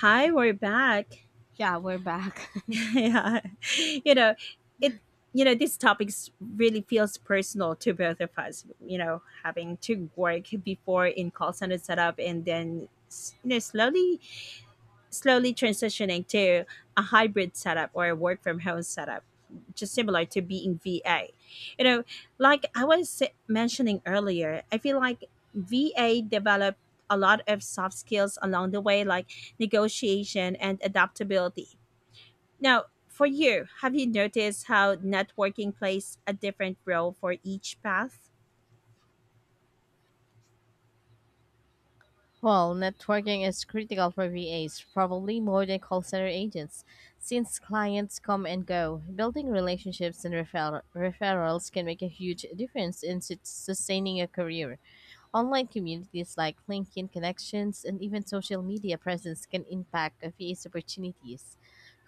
Hi, we're back. Yeah, we're back. yeah. You know, it this topic really feels personal to both of us, having to work before in call center setup and then slowly transitioning to a hybrid setup or a work from home setup just similar to being VA. You know, Mentioning earlier, I feel like VA developed a lot of soft skills along the way like negotiation and adaptability. Now, for you, have you noticed how networking plays a different role for each path? Well, networking is critical for VAs, probably more than call center agents, since clients come and go. Building relationships and referrals can make a huge difference in sustaining a career. Online communities like LinkedIn connections and even social media presence can impact VA's opportunities.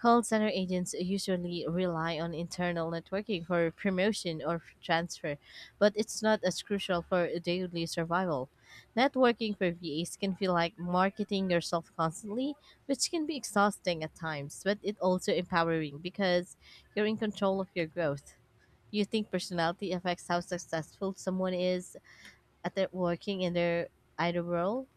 Call center agents usually rely on internal networking for promotion or transfer, but it's not as crucial for daily survival. Networking for VAs can feel like marketing yourself constantly, which can be exhausting at times, but it also empowering because you're in control of your growth. Do you think personality affects how successful someone is at their working in their idle world?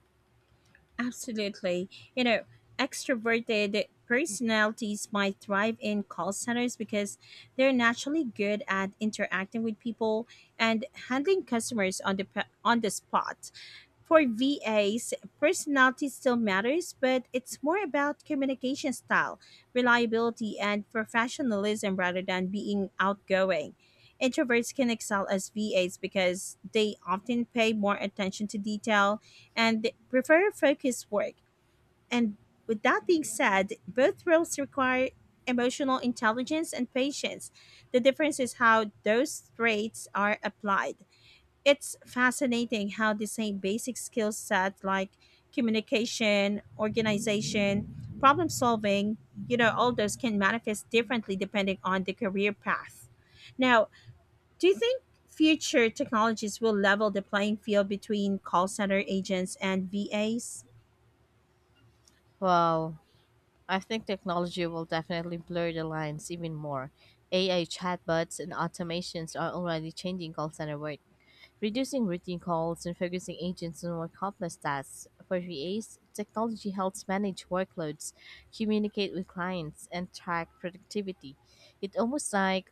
Absolutely. You know, extroverted personalities might thrive in call centers because they're naturally good at interacting with people and handling customers on the spot. For VAs, personality still matters, but it's more about communication style, reliability, and professionalism rather than being outgoing. Introverts can excel as VAs because they often pay more attention to detail and they prefer focused work. And with that being said, both roles require emotional intelligence and patience. The difference is how those traits are applied. It's fascinating how the same basic skill sets like communication, organization, problem solving, you know, all those can manifest differently depending on the career path. Now, do you think future technologies will level the playing field between call center agents and VAs? Well, I think technology will definitely blur the lines even more. AI chatbots and automations are already changing call center work, reducing routine calls and focusing agents on more complex tasks. For VAs, technology helps manage workloads, communicate with clients, and track productivity. It almost like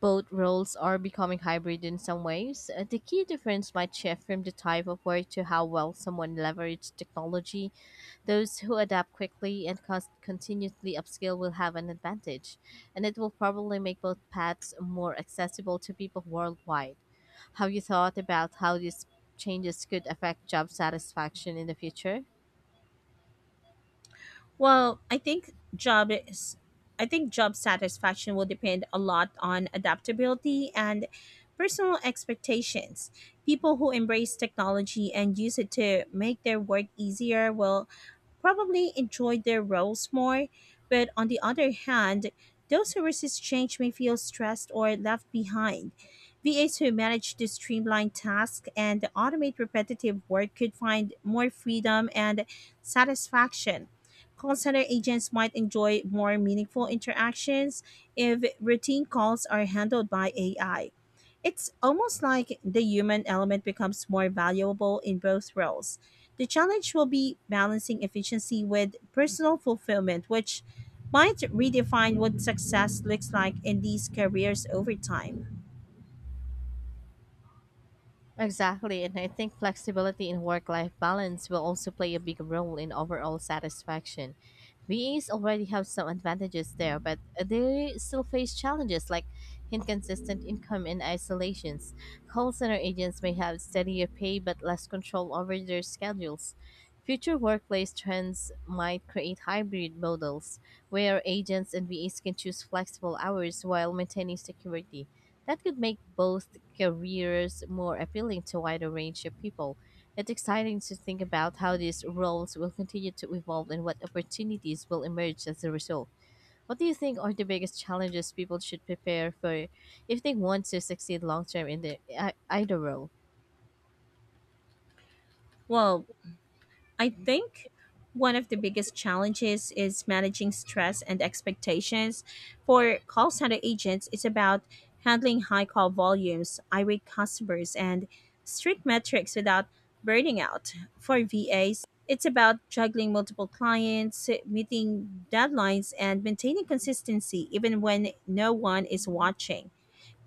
both roles are becoming hybrid in some ways. The key difference might shift from the type of work to how well someone leverages technology. Those who adapt quickly and continuously upskill will have an advantage, and it will probably make both paths more accessible to people worldwide. Have you thought about how these changes could affect job satisfaction in the future? Well, I think job satisfaction will depend a lot on adaptability and personal expectations. People who embrace technology and use it to make their work easier will probably enjoyed their roles more, but on the other hand, those who resist change may feel stressed or left behind. VAs who manage to streamline tasks and automate repetitive work could find more freedom and satisfaction. Call center agents might enjoy more meaningful interactions if routine calls are handled by AI. It's almost like the human element becomes more valuable in both roles. The challenge will be balancing efficiency with personal fulfillment, which might redefine what success looks like in these careers over time. Exactly, and I think flexibility in work life balance will also play a big role in overall satisfaction. VAs already have some advantages there, but they still face challenges like inconsistent income and isolations. Call center agents may have steadier pay but less control over their schedules. Future workplace trends might create hybrid models where agents and VAs can choose flexible hours while maintaining security. That could make both careers more appealing to a wider range of people. It's exciting to think about how these roles will continue to evolve and what opportunities will emerge as a result. What do you think are the biggest challenges people should prepare for if they want to succeed long term in either role? Well, I think one of the biggest challenges is managing stress and expectations. For call center agents, it's about handling high call volumes, irate customers, and strict metrics without burning out. For VAs, it's about juggling multiple clients, meeting deadlines, and maintaining consistency even when no one is watching.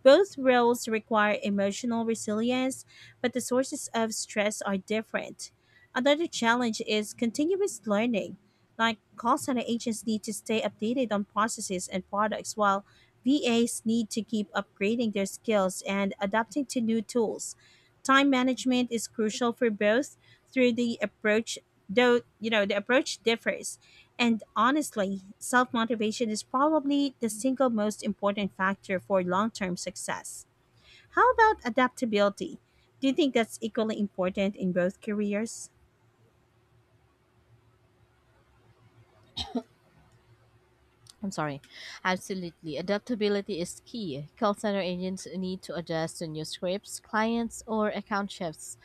Both roles require emotional resilience, but the sources of stress are different. Another challenge is continuous learning. Like call center agents need to stay updated on processes and products, while VAs need to keep upgrading their skills and adapting to new tools. Time management is crucial for both through the approach, though, you know, the approach differs. And honestly, self motivation is probably the single most important factor for long term success. How about adaptability? Do you think that's equally important in both careers? I'm sorry. Absolutely. Adaptability is key. Call center agents need to adjust to new scripts, clients, or account shifts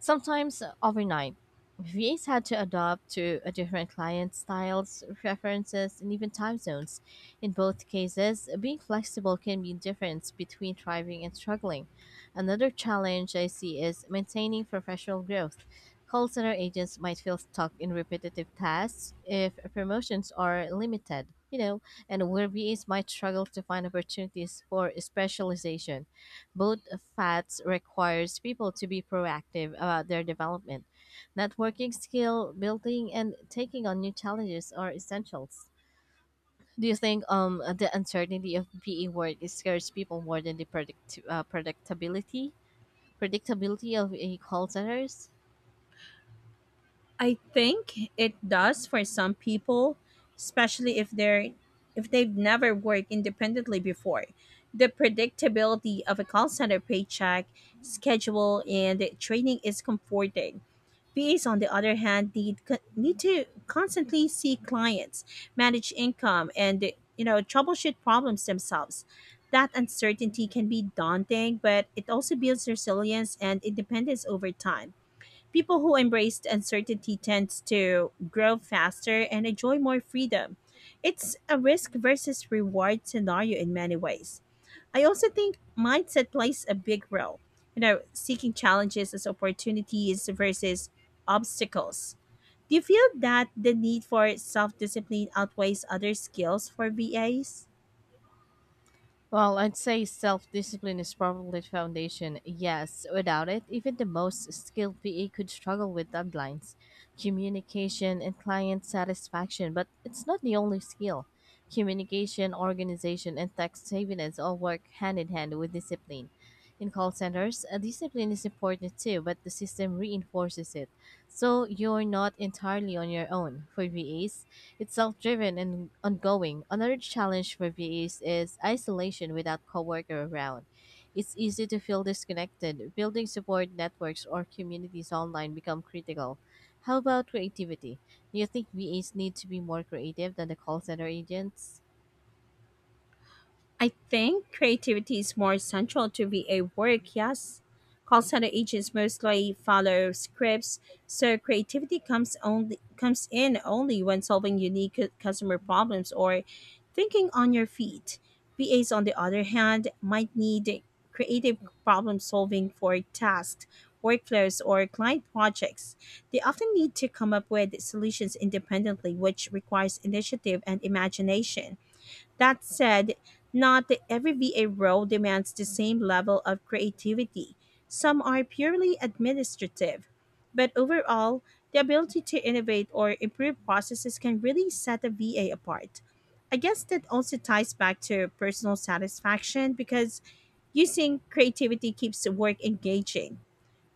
sometimes, overnight. VAs had to adapt to a different client's styles, preferences, and even time zones. In both cases, being flexible can be the difference between thriving and struggling. Another challenge I see is maintaining professional growth. Call center agents might feel stuck in repetitive tasks if promotions are limited, you know, and where VAs might struggle to find opportunities for specialization. Both paths requires people to be proactive about their development. Networking skill building and taking on new challenges are essentials. Do you think the uncertainty of PE work scares people more than the predictability of call centers? I think it does for some people, especially if they've never worked independently before. The predictability of a call center paycheck, schedule, and training is comforting. VAs, on the other hand, need to constantly see clients, manage income, and you know troubleshoot problems themselves. That uncertainty can be daunting, but it also builds resilience and independence over time. People who embrace uncertainty tend to grow faster and enjoy more freedom. It's a risk versus reward scenario in many ways. I also think mindset plays a big role. You know, seeking challenges as opportunities versus obstacles. Do you feel that the need for self discipline outweighs other skills for VAs? Well, I'd say self discipline is probably the foundation. Yes, without it, even the most skilled PE could struggle with deadlines, communication, and client satisfaction. But it's not the only skill. Communication, organization, and tax savings all work hand in hand with discipline. In call centers, discipline is important too, but the system reinforces it. So you're not entirely on your own. For VAs, it's self-driven and ongoing. Another challenge for VEs is isolation without coworker around. It's easy to feel disconnected. Building support networks or communities online become critical. How about creativity? Do you think VEs need to be more creative than the call center agents? I think creativity is more central to VA work, yes. Call center agents mostly follow scripts, so creativity comes in only when solving unique customer problems or thinking on your feet. VAs on the other hand might need creative problem solving for tasks, workflows or client projects. They often need to come up with solutions independently, which requires initiative and imagination. That said, not every VA role demands the same level of creativity. Some are purely administrative. But overall, the ability to innovate or improve processes can really set a VA apart. I guess that also ties back to personal satisfaction because using creativity keeps the work engaging.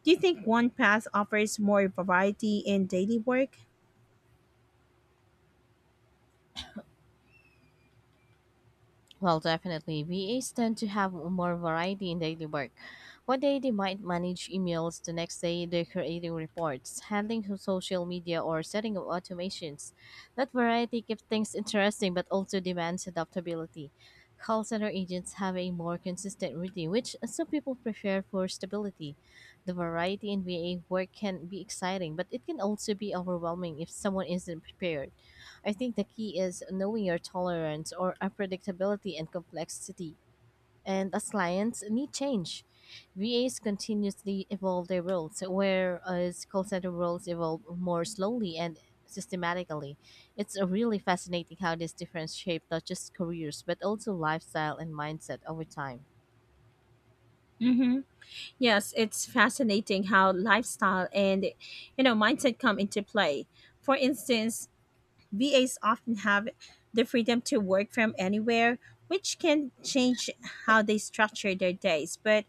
Do you think one path offers more variety in daily work? Well, definitely. VAs tend to have more variety in daily work. One day they might manage emails, the next day they're creating reports, handling to social media, or setting up automations. That variety keeps things interesting but also demands adaptability. Call center agents have a more consistent routine, which some people prefer for stability. The variety in VA work can be exciting, but it can also be overwhelming if someone isn't prepared. I think the key is knowing your tolerance or unpredictability and complexity. And as clients need change, VAs continuously evolve their roles, whereas call center roles evolve more slowly and systematically. It's really fascinating how these difference shape not just careers, but also lifestyle and mindset over time. Mm-hmm. Yes, it's fascinating how lifestyle and you know mindset come into play. For instance, VAs often have the freedom to work from anywhere, which can change how they structure their days, but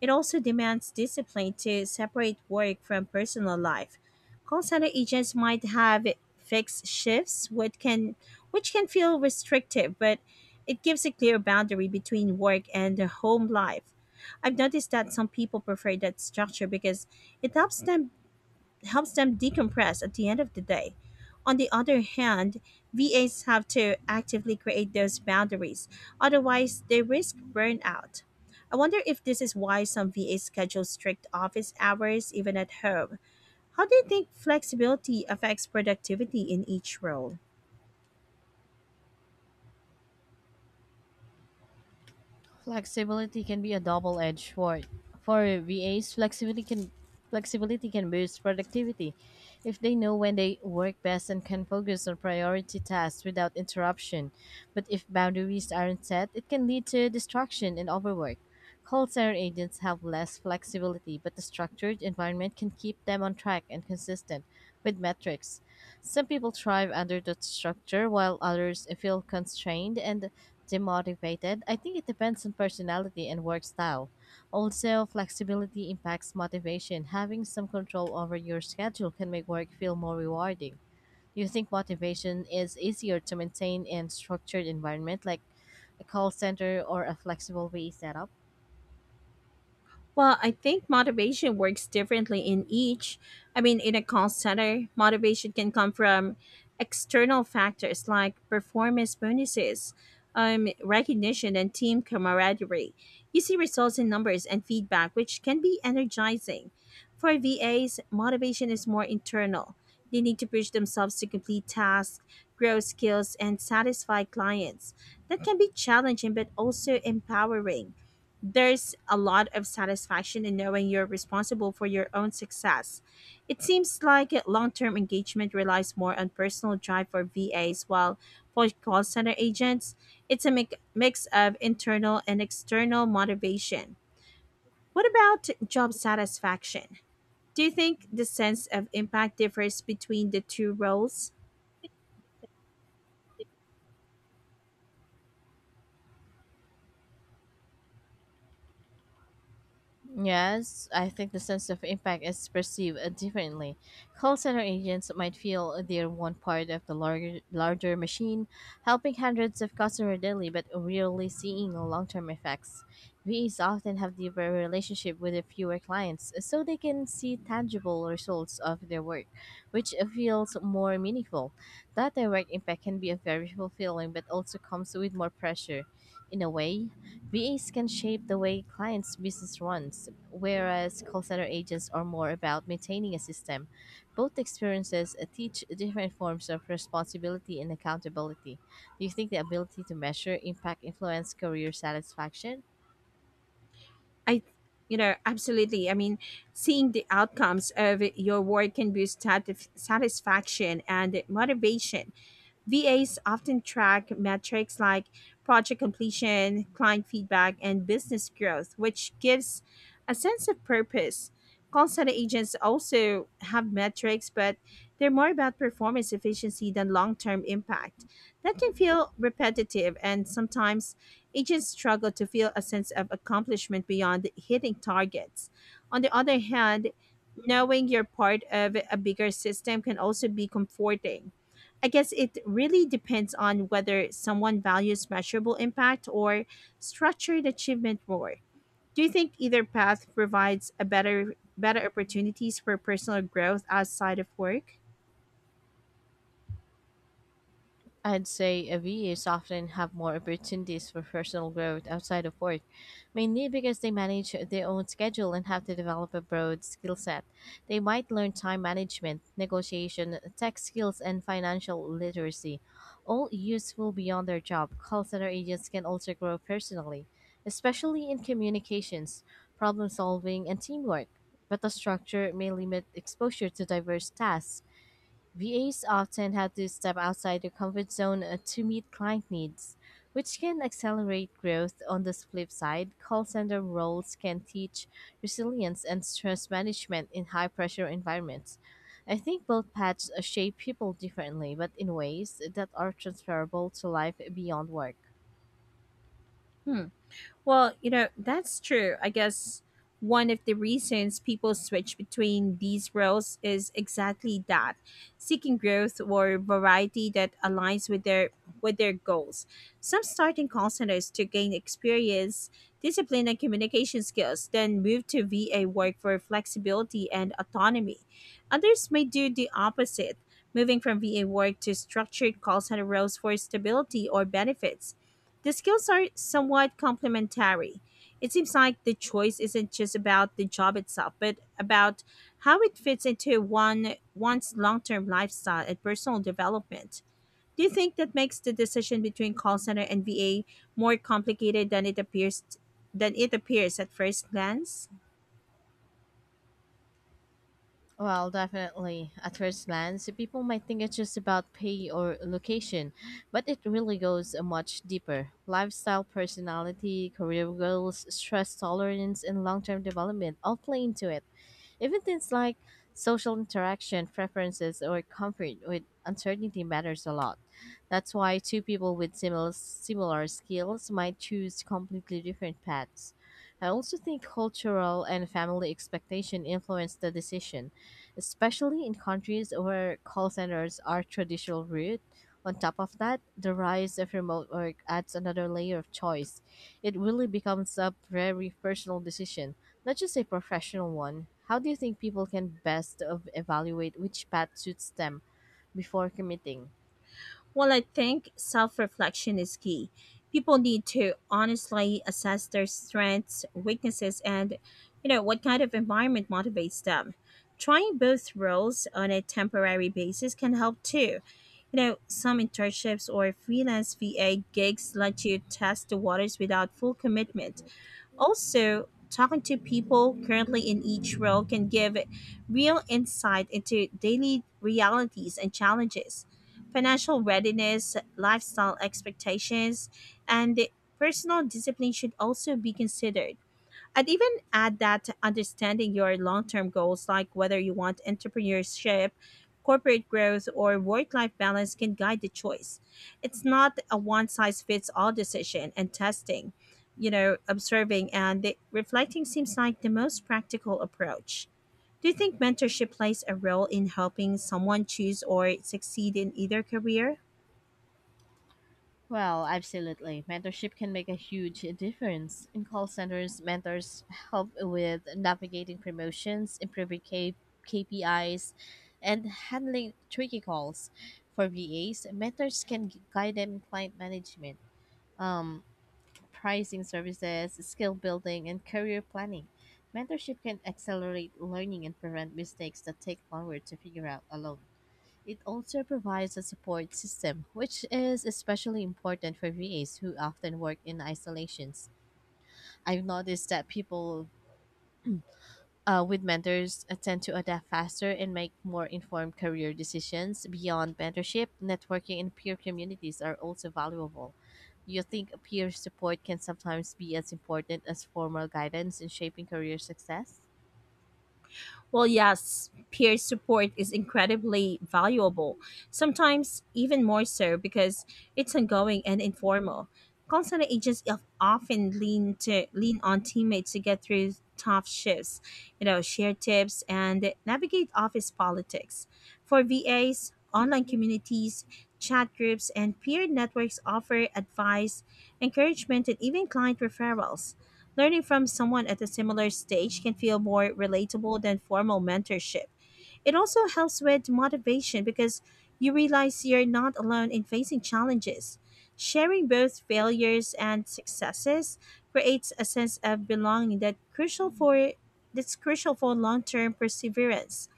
it also demands discipline to separate work from personal life. Call center agents might have fixed shifts, which can feel restrictive, but it gives a clear boundary between work and home life. I've noticed that some people prefer that structure because it helps them decompress at the end of the day. On the other hand, VAs have to actively create those boundaries, otherwise, they risk burnout. I wonder if this is why some VAs schedule strict office hours even at home. How do you think flexibility affects productivity in each role? Flexibility can be a double-edged sword. For VAs, flexibility can boost productivity if they know when they work best and can focus on priority tasks without interruption. But if boundaries aren't set, it can lead to distraction and overwork. Call center agents have less flexibility, but the structured environment can keep them on track and consistent with metrics. Some people thrive under the structure, while others feel constrained and demotivated. I think it depends on personality and work style. Also, flexibility impacts motivation. Having some control over your schedule can make work feel more rewarding. Do you think motivation is easier to maintain in structured environment like a call center or a flexible way setup? Well, I think motivation works differently in each. I mean, in a call center, motivation can come from external factors like performance bonuses, recognition, and team camaraderie. You see results in numbers and feedback, which can be energizing. For VAs, motivation is more internal. They need to push themselves to complete tasks, grow skills, and satisfy clients. That can be challenging but also empowering there's a lot of satisfaction in knowing you're responsible for your own success. It seems like long term engagement relies more on personal drive for VAs, while for call center agents, it's a mix of internal and external motivation. What about job satisfaction? Do you think the sense of impact differs between the two roles? Yes, I think the sense of impact is perceived differently. Call center agents might feel they're one part of the larger machine, helping hundreds of customers daily, but rarely seeing long-term effects. VAs often have deeper relationship with the fewer clients, so they can see tangible results of their work, which feels more meaningful. That direct impact can be a very fulfilling, but also comes with more pressure. In a way, VAs can shape the way clients' business runs, whereas call center agents are more about maintaining a system. Both experiences teach different forms of responsibility and accountability. Do you think the ability to measure impact influence career satisfaction? I, you know, absolutely. I mean, seeing the outcomes of your work can boost satisfaction and motivation. VAs often track metrics like project completion, client feedback, and business growth, which gives a sense of purpose. Call center agents also have metrics, but they're more about performance efficiency than long term impact. That can feel repetitive, and sometimes agents struggle to feel a sense of accomplishment beyond hitting targets. On the other hand, knowing you're part of a bigger system can also be comforting. I guess it really depends on whether someone values measurable impact or structured achievement more. Do you think either path provides a better opportunities for personal growth outside of work? I'd say VAs often have more opportunities for personal growth outside of work, mainly because they manage their own schedule and have to develop a broad skill set. They might learn time management, negotiation, tech skills, and financial literacy, all useful beyond their job. Call center agents can also grow personally, especially in communications, problem solving, and teamwork, but the structure may limit exposure to diverse tasks. VAs often have to step outside their comfort zone to meet client needs, which can accelerate growth. On the flip side, call center roles can teach resilience and stress management in high pressure environments. I think both paths shape people differently, but in ways that are transferable to life beyond work. Hmm. Well, you know, that's true. I guess one of the reasons people switch between these roles is exactly that, seeking growth or variety that aligns with their goals. Some start in call centers to gain experience, discipline and communication skills, then move to VA work for flexibility and autonomy. Others may do the opposite, moving from VA work to structured call center roles for stability or benefits. The skills are somewhat complementary. It seems like the choice isn't just about the job itself, but about how it fits into one's long-term lifestyle and personal development. Do you think that makes the decision between call center and VA more complicated than it appears at first glance? Well, definitely. At first glance, people might think it's just about pay or location, but it really goes much deeper. Lifestyle, personality, career goals, stress tolerance, and long term development all play into it. Even things like social interaction, preferences, or comfort with uncertainty matters a lot. That's why two people with similar skills might choose completely different paths. I also think cultural and family expectation influence the decision, especially in countries where call centers are traditional route. On top of that, the rise of remote work adds another layer of choice. It really becomes a very personal decision. Not just a professional one. How do you think people can best of evaluate which path suits them before committing? Well, I think self reflection is key. People need to honestly assess their strengths, weaknesses, and you know what kind of environment motivates them. Trying both roles on a temporary basis can help too. You know, some internships or freelance VA gigs let you test the waters without full commitment. Also, talking to people currently in each role can give real insight into daily realities and challenges, financial readiness, lifestyle expectations, and personal discipline should also be considered. I'd even add that understanding your long term goals, like whether you want entrepreneurship, corporate growth, or work life balance, can guide the choice. It's not a one size fits all decision, and testing, you know, observing and reflecting seems like the most practical approach. Do you think mentorship plays a role in helping someone choose or succeed in either career? Well, absolutely. Mentorship can make a huge difference. In call centers, mentors help with navigating promotions, improving KPIs, and handling tricky calls. For VAs, mentors can guide them in client management, um, pricing services, skill building, and career planning. Mentorship can accelerate learning and prevent mistakes that take longer to figure out alone. It also provides a support system, which is especially important for VAs who often work in isolations. I've noticed that people with mentors tend to adapt faster and make more informed career decisions. Beyond mentorship, networking and peer communities are also valuable. Do you think peer support can sometimes be as important as formal guidance in shaping career success? Well, yes, peer support is incredibly valuable, sometimes even more so because it's ongoing and informal. Call center agents often lean on teammates to get through tough shifts, you know, share tips and navigate office politics. For VAs, online communities, chat groups, and peer networks offer advice, encouragement, and even client referrals. Learning from someone at a similar stage can feel more relatable than formal mentorship. It also helps with motivation because you realize you're not alone in facing challenges. Sharing both failures and successes creates a sense of belonging that crucial for that's crucial for long-term perseverance.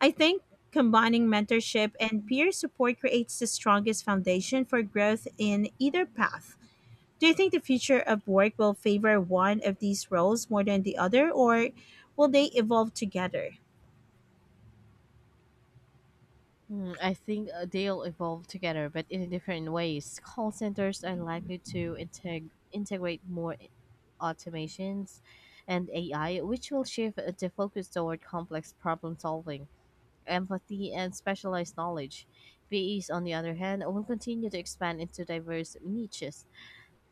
I think combining mentorship and peer support creates the strongest foundation for growth in either path. Do you think the future of work will favor one of these roles more than the other, or will they evolve together? Hmm, I think they'll evolve together, but in different ways. Call centers are likely to integrate more automations and AI, which will shift the focus toward complex problem solving, empathy, and specialized knowledge. VEs, on the other hand, will continue to expand into diverse niches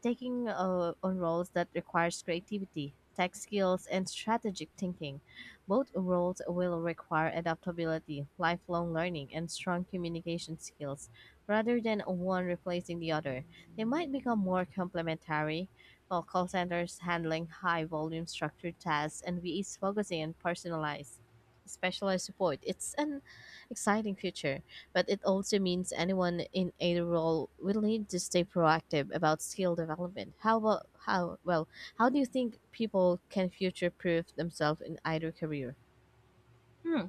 taking on roles that requires creativity, tech skills, and strategic thinking. Both roles will require adaptability, lifelong learning, and strong communication skills. Rather than one replacing the other, they might become more complementary. While call centers handling high volume structured tasks and VEs focusing on personalized specialized support, it's an exciting future but it also means anyone in a role will need to stay proactive about skill development. How about how well? How do you think people can future-proof themselves in either career? Hmm.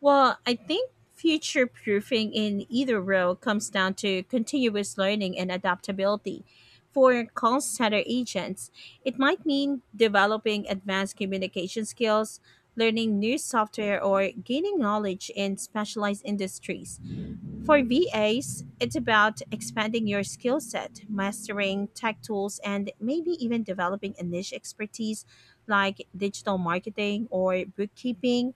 Well, I think future proofing in either role comes down to continuous learning and adaptability. For call center agents, it might mean developing advanced communication skills, learning new software, or gaining knowledge in specialized industries. For VAs, it's about expanding your skill set, mastering tech tools, and maybe even developing a niche expertise like digital marketing or bookkeeping.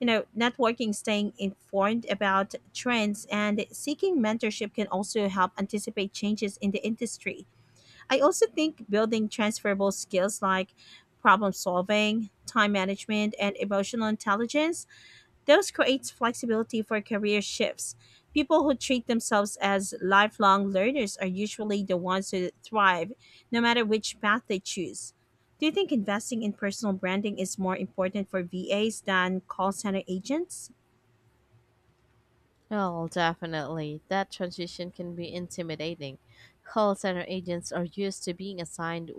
You know, networking, staying informed about trends, and seeking mentorship can also help anticipate changes in the industry. I also think building transferable skills like problem solving, time management, and emotional intelligence this creates flexibility for career shifts. People who treat themselves as lifelong learners are usually the ones who thrive, no matter which path they choose. Do you think investing in personal branding is more important for VAs than call center agents? Well, definitely. That transition can be intimidating. Call center agents are used to being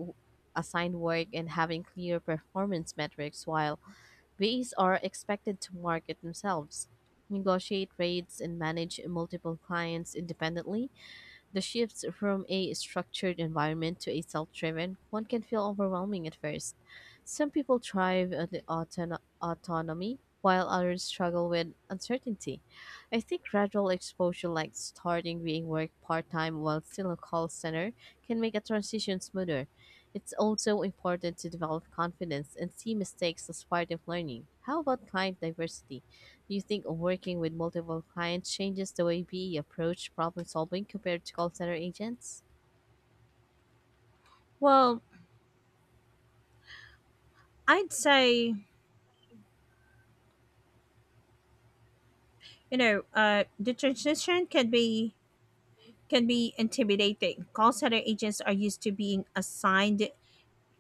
assigned work and having clear performance metrics while VAs are expected to market themselves, negotiate rates and manage multiple clients independently. The shift from a structured environment to a self driven one can feel overwhelming at first. Some people thrive on the autonomy, while others struggle with uncertainty. I think gradual exposure, like starting being work part time while still a call center, can make a transition smoother. It's also important to develop confidence and see mistakes as part of learning. How about client diversity? Do you think working with multiple clients changes the way BE approach problem solving compared to call center agents? Well, I'd say the transition can be intimidating. Call center agents are used to being assigned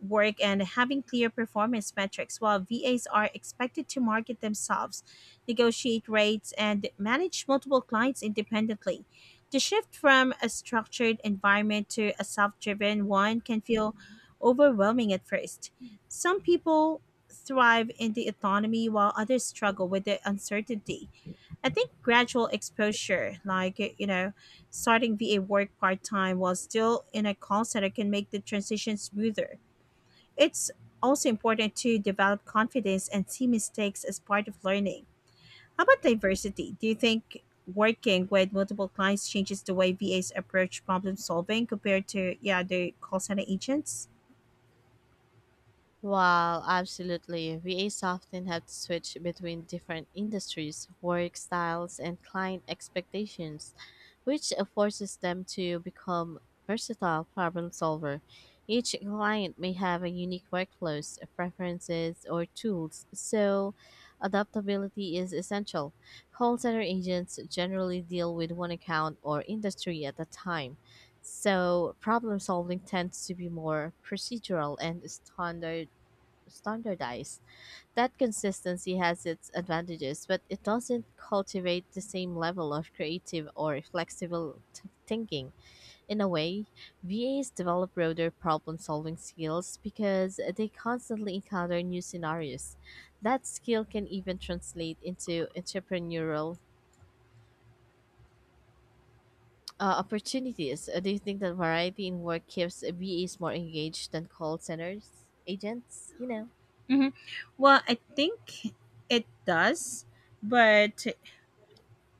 work and having clear performance metrics, while VAs are expected to market themselves, negotiate rates, and manage multiple clients independently. The shift from a structured environment to a self driven one can feel overwhelming at first. Some people thrive in the autonomy while others struggle with the uncertainty. I think gradual exposure, like, starting VA work part time while still in a call center, can make the transition smoother. It's also important to develop confidence and see mistakes as part of learning. How about diversity? Do you think working with multiple clients changes the way VAs approach problem solving compared to, yeah, the call center agents? Well, absolutely. VAs often have to switch between different industries, work styles, and client expectations, which forces them to become versatile problem solver. Each client may have a unique workflows, preferences, or tools, so adaptability is essential. Call center agents generally deal with one account or industry at a time. So problem solving tends to be more procedural and standardized. That consistency has its advantages, but it doesn't cultivate the same level of creative or flexible thinking. In a way, VAs develop broader problem solving skills because they constantly encounter new scenarios. That skill can even translate into entrepreneurial. Opportunities. Do you think that variety in work keeps VAs more engaged than call centers agents, you know? Hmm. Well, I think it does, but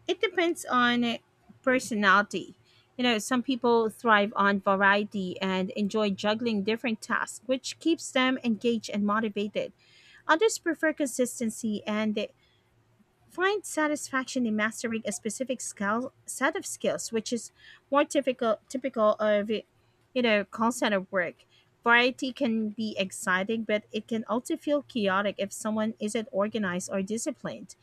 it depends on personality. You know, some people thrive on variety and enjoy juggling different tasks, which keeps them engaged and motivated. Others prefer consistency and they find satisfaction in mastering a specific skill, set of skills, which is more typical of, you know, call center work. Variety can be exciting, but it can also feel chaotic if someone isn't organized or disciplined.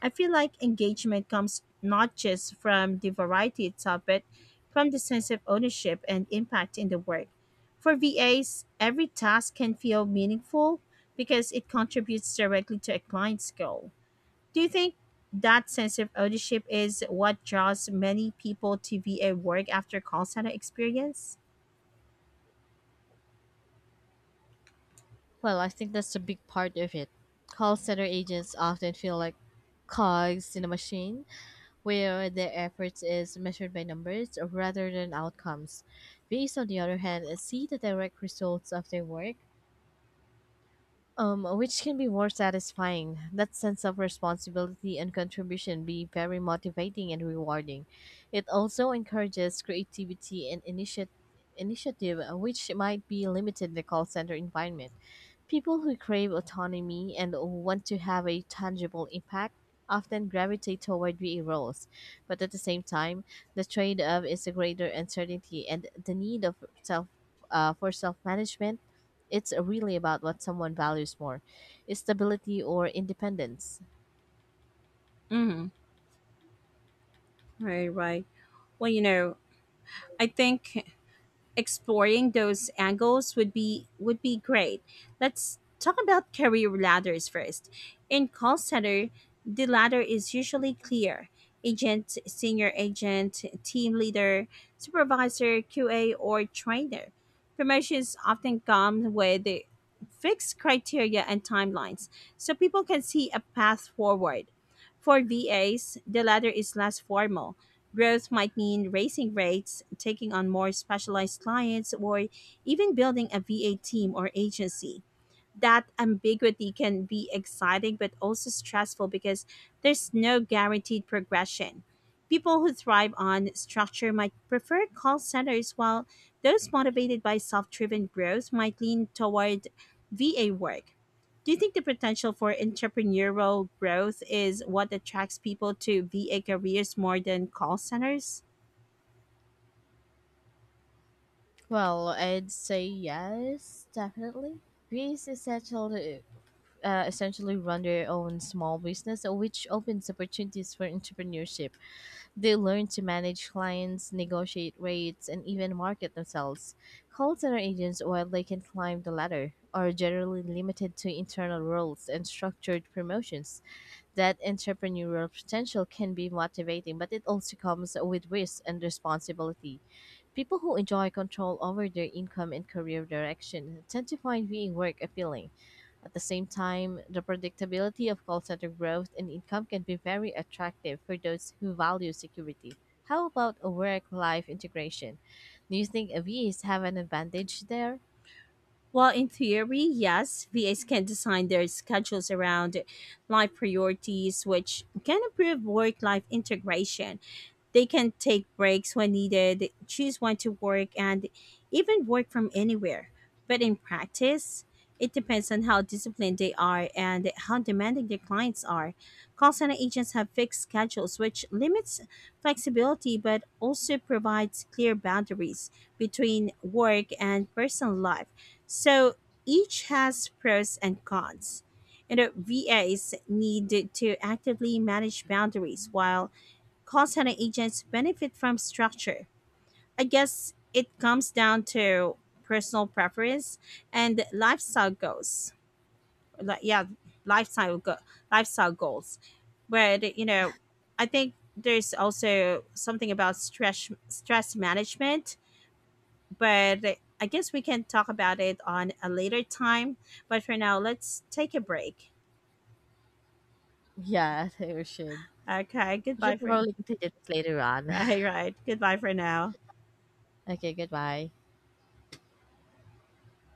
I feel like engagement comes not just from the variety itself, but from the sense of ownership and impact in the work. For VAs, every task can feel meaningful because it contributes directly to a client's goal. Do you think that sense of ownership is what draws many people to VA work after call center experience? Well, I think that's a big part of it. Call center agents often feel like cogs in a machine where their efforts is measured by numbers rather than outcomes. VAs, on the other hand, see the direct results of their work, which can be more satisfying. That sense of responsibility and contribution be very motivating and rewarding. It also encourages creativity and initiative, which might be limited in the call center environment. People who crave autonomy and want to have a tangible impact often gravitate toward VA roles, but at the same time, the trade-off is a greater uncertainty and the need of self for self-management. It's really about what someone values more, stability or independence. Hmm. Right, right. Well, you know, I think exploring those angles would be great. Let's talk about career ladders first. In call center, the ladder is usually clear. Agent, senior agent, team leader, supervisor, QA or trainer. Promotions often come with the fixed criteria and timelines so people can see a path forward. For VAs, the ladder is less formal. Growth might mean raising rates, taking on more specialized clients, or even building a VA team or agency. That ambiguity can be exciting but also stressful because there's no guaranteed progression. People who thrive on structure might prefer call centers, while those motivated by self driven growth might lean toward VA work. Do you think the potential for entrepreneurial growth is what attracts people to VA careers more than call centers? Well, I'd say yes, definitely. V's essential to essentially run their own small business, which opens opportunities for entrepreneurship. They learn to manage clients, negotiate rates and even market themselves. Call center agents, while they can climb the ladder, are generally limited to internal roles and structured promotions. That entrepreneurial potential can be motivating, but it also comes with risk and responsibility. People who enjoy control over their income and career direction tend to find being work appealing. At the same time, the predictability of call center growth and income can be very attractive for those who value security. How about a work-life integration? Do you think VAs have an advantage there? Well, in theory, yes, VAs can design their schedules around life priorities, which can improve work life integration. They can take breaks when needed, choose when to work, and even work from anywhere. But in practice, it depends on how disciplined they are and how demanding their clients are. Call center agents have fixed schedules, which limits flexibility but also provides clear boundaries between work and personal life. So each has pros and cons. You know, VAs need to actively manage boundaries while call center agents benefit from structure. I guess it comes down to personal preference and lifestyle goals. Like, yeah, lifestyle go- lifestyle goals. But you know, I think there's also something about stress management. But I guess we can talk about it on a later time. But for now, let's take a break. Yeah, I think we should. Okay, We goodbye should for— probably continue this later on. right, right. Goodbye for now. Okay, goodbye.